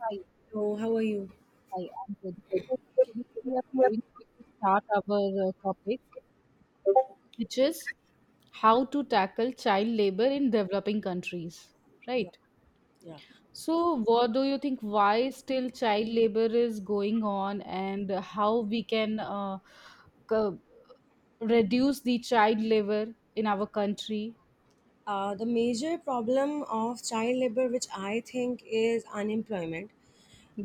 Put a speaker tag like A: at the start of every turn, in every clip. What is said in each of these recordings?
A: Hi,
B: So, how are you?
A: hi, I'm good. So today we are going to start our topic, which is how to tackle child labor in developing countries,
B: Yeah,
A: right?
B: yeah.
A: So what do you think? Why still child labor is going on, and how we can c- reduce the child labor in our country?
B: The major problem of child labor, which I think is unemployment.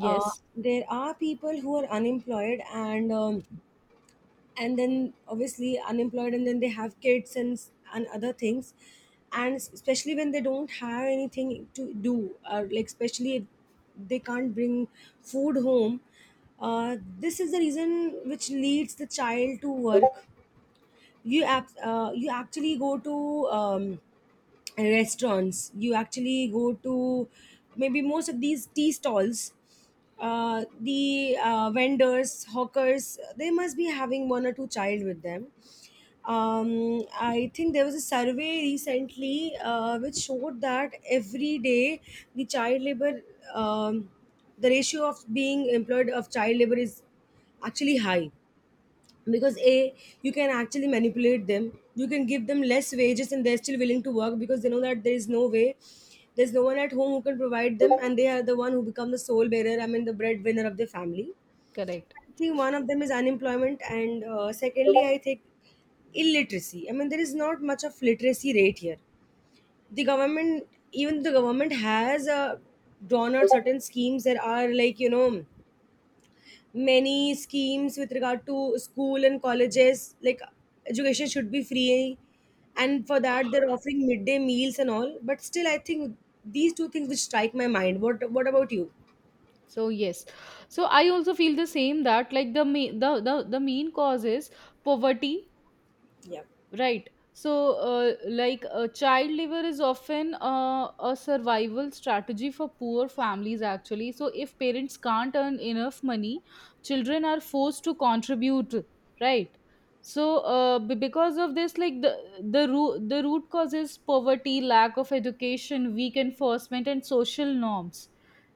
B: Uh, there are people who are unemployed and and then obviously unemployed, and then they have kids and other things, and especially when they don't have anything to do, or like especially if they can't bring food home. Uh, this is the reason which leads the child to work. You actually go to restaurants. You actually go to maybe most of these tea stalls. The vendors, hawkers, they must be having one or two child with them. I think there was a survey recently, which showed that every day the child labor um, the ratio of being employed of child labor is actually high, because a you can actually manipulate them, you can give them less wages and they're still willing to work, because they know that there is no way, there's no one at home who can provide them, and they are the one who become the sole bearer, I mean the breadwinner of the family.
A: correct.
B: I think one of them is unemployment, and secondly I think illiteracy, I mean there is not much of literacy rate here. The government even the government has drawn out certain schemes that are, like, you know, many schemes with regard to school and colleges, like education should be free, and for that they're offering midday meals and all. But still I think these two things which strike my mind. What about you?
A: So yes, so I also feel the same that like the ma- the main cause is poverty.
B: Yeah.
A: Right. So, like child labor is often a survival strategy for poor families, actually. So, if parents can't earn enough money, children are forced to contribute, right? So, because of this, like the root cause is poverty, lack of education, weak enforcement, and social norms,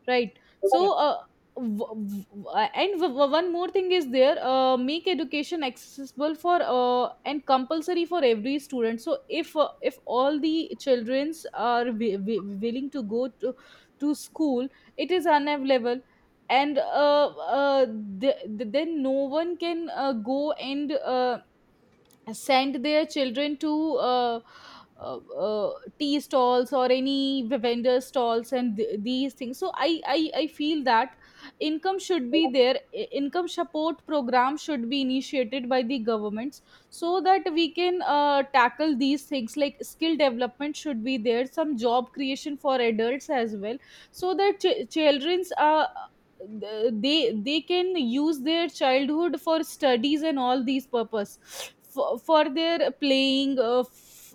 A: right?
B: Yeah.
A: So, w- w- one more thing is there, make education accessible for, and compulsory for every student. So if all the childrens are willing to go to school, it is unavailable, and then no one can go and send their children to uh, uh, tea stalls or any vendor stalls and these things. So I feel that income should be there. Income support program should be initiated by the governments, so that we can tackle these things, like skill development should be there, some job creation for adults as well, so that children's, they can use their childhood for studies and all these purpose, for their playing, uh, f-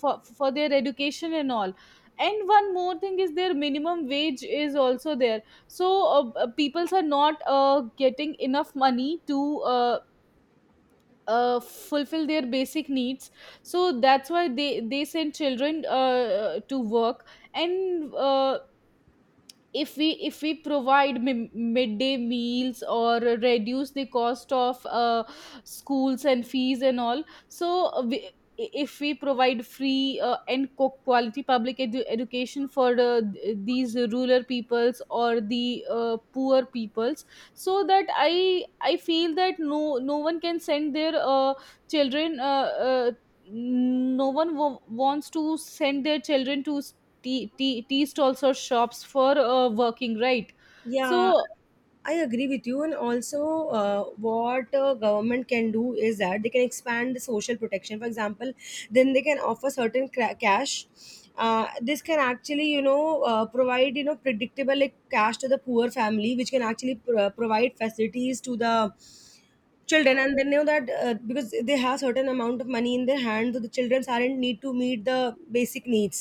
A: for, for their education and all. And one more thing is their minimum wage is also there, so peoples are not getting enough money to fulfill their basic needs, so that's why they send children to work. And if we provide midday meals or reduce the cost of schools and fees and all. So if we provide free, and quality public education for these rural peoples or the poor peoples, so that I feel that no one can send their children, no one wants to send their children to tea stalls or shops for working, right?
B: Yeah,
A: So,
B: I agree with you. And also, what government can do is that they can expand the social protection. For example, then they can offer cash. This can actually, you know, provide, you know, predictable, like, cash to the poor family, which can actually provide facilities to the children, and they know that because they have certain amount of money in their hand, so the children aren't need to meet the basic needs.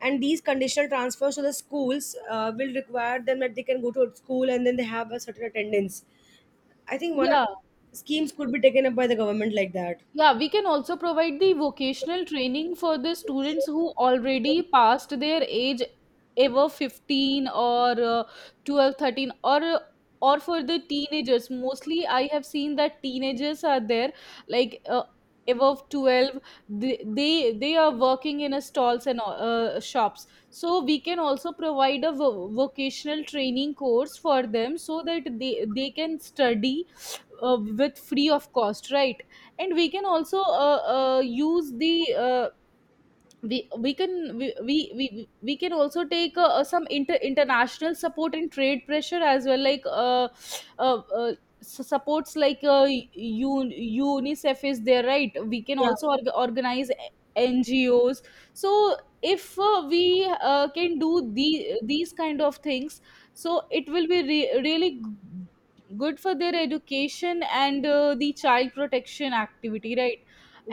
B: And these conditional transfers to the schools will require them that they can go to a school and then they have a certain attendance. I think one of
A: yeah.
B: schemes could be taken up by the government like that.
A: Yeah, we can also provide the vocational training for the students who already passed their age, ever 15 or 12, 13, or or for the teenagers. Mostly I have seen that teenagers are there, like above 12, they are working in a stalls and shops. So we can also provide a vocational training course for them, so that they can study with free of cost, right? And we can also use the we can also take some international support and trade pressure as well, like uh, uh supports, like UNICEF is there, right? We can
B: Yeah.
A: also organize NGOs. So if we can do these kind of things, so it will be really good for their education and the child protection activity, right?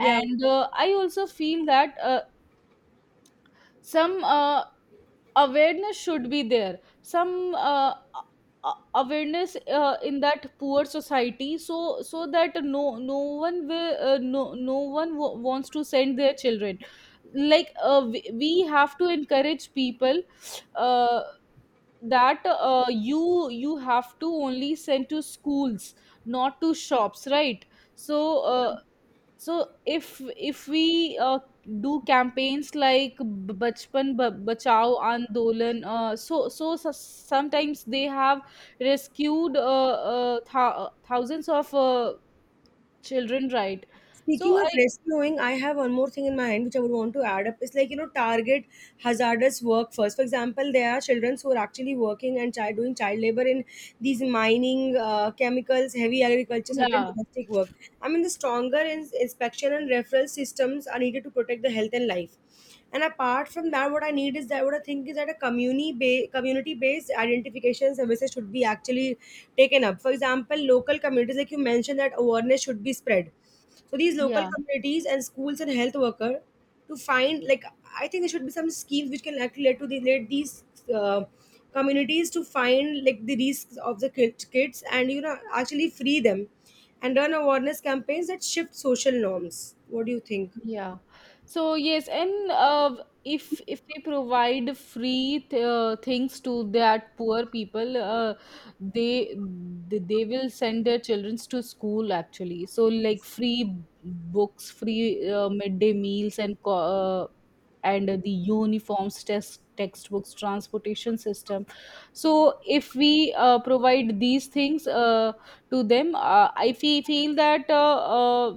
B: Yeah.
A: I also feel that some awareness should be there, some awareness in that poor society, so so that no one wants to send their children. Like we have to encourage people, uh, that you have to only send to schools, not to shops, right? So uh, so if we do campaigns like bachpan bachao andolan. Sometimes they have rescued thousands of children, right? so
B: Speaking
A: I
B: of rescuing, I have one more thing in my mind which I would want to add up. It's like, you know, target hazardous work first. For example, there are children who are actually working and child, doing child labor in these mining, chemicals, heavy agriculture, certain
A: Yeah,
B: domestic work. I mean, the stronger inspection and referral systems are needed to protect the health and life. And apart from that, what I need is that, what I think is that a community based identification services should be actually taken up. For example, local communities, like you mentioned, that awareness should be spread. So these local
A: yeah,
B: communities and schools and health worker to find, like, I think there should be some schemes which can actually lead to the, lead these uh, communities to find, like, the risks of the kids, and, you know, actually free them and run awareness campaigns that shift social norms. What do you think?
A: yeah. So yes, and if we provide free th things to that poor people, they they will send their children to school actually. So like free books, free midday meals, and co and the uniforms, test textbooks, transportation system. So if we provide these things, to them, I feel that uh, uh,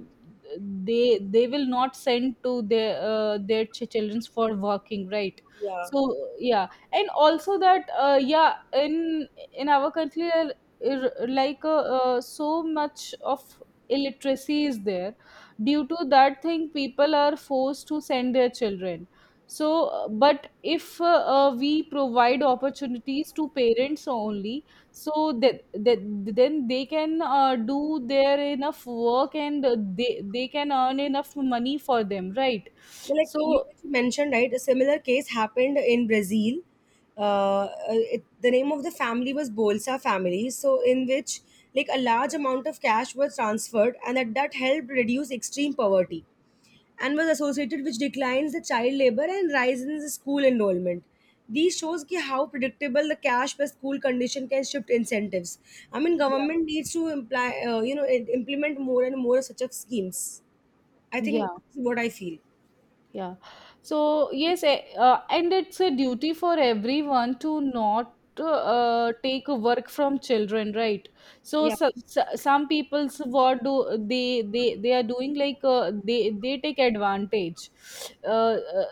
A: they they will not send to their, children for working, right?
B: Yeah.
A: So, yeah. And also that, yeah, in in our country, so much of illiteracy is there. Due to that thing people are forced to send their children, but if we provide opportunities to parents only, so that then they can do their enough work, and they can earn enough money for them, right?
B: Like you
A: So,
B: mentioned, right? A similar case happened in Brazil. Uh, uh, it, the name of the family was Bolsa family. So in which, like, a large amount of cash was transferred, and that helped reduce extreme poverty, and was associated with declines the child labor and rise in the school enrollment. These shows ki how predictable the cash per school condition can shift incentives. I mean,
A: yeah,
B: government needs to imply, you know, implement more and more such of schemes. I
A: yeah,
B: think that's what I feel.
A: yeah. So, yes, and it's a duty for everyone to not take work from children, right? So,
B: Yeah.
A: so, so some people's, what do they are doing? Like they take advantage. Uh, uh,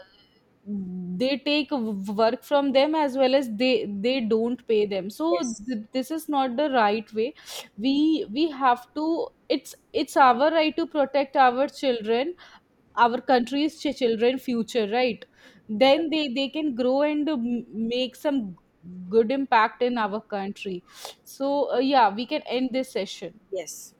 A: they take work from them, as well as they don't pay them. So
B: Yes.
A: this is not the right way. We have to. It's our right to protect our children, our country's children future, right? Then they can grow and make some good impact in our country. So yeah, we can end this session.
B: Yes.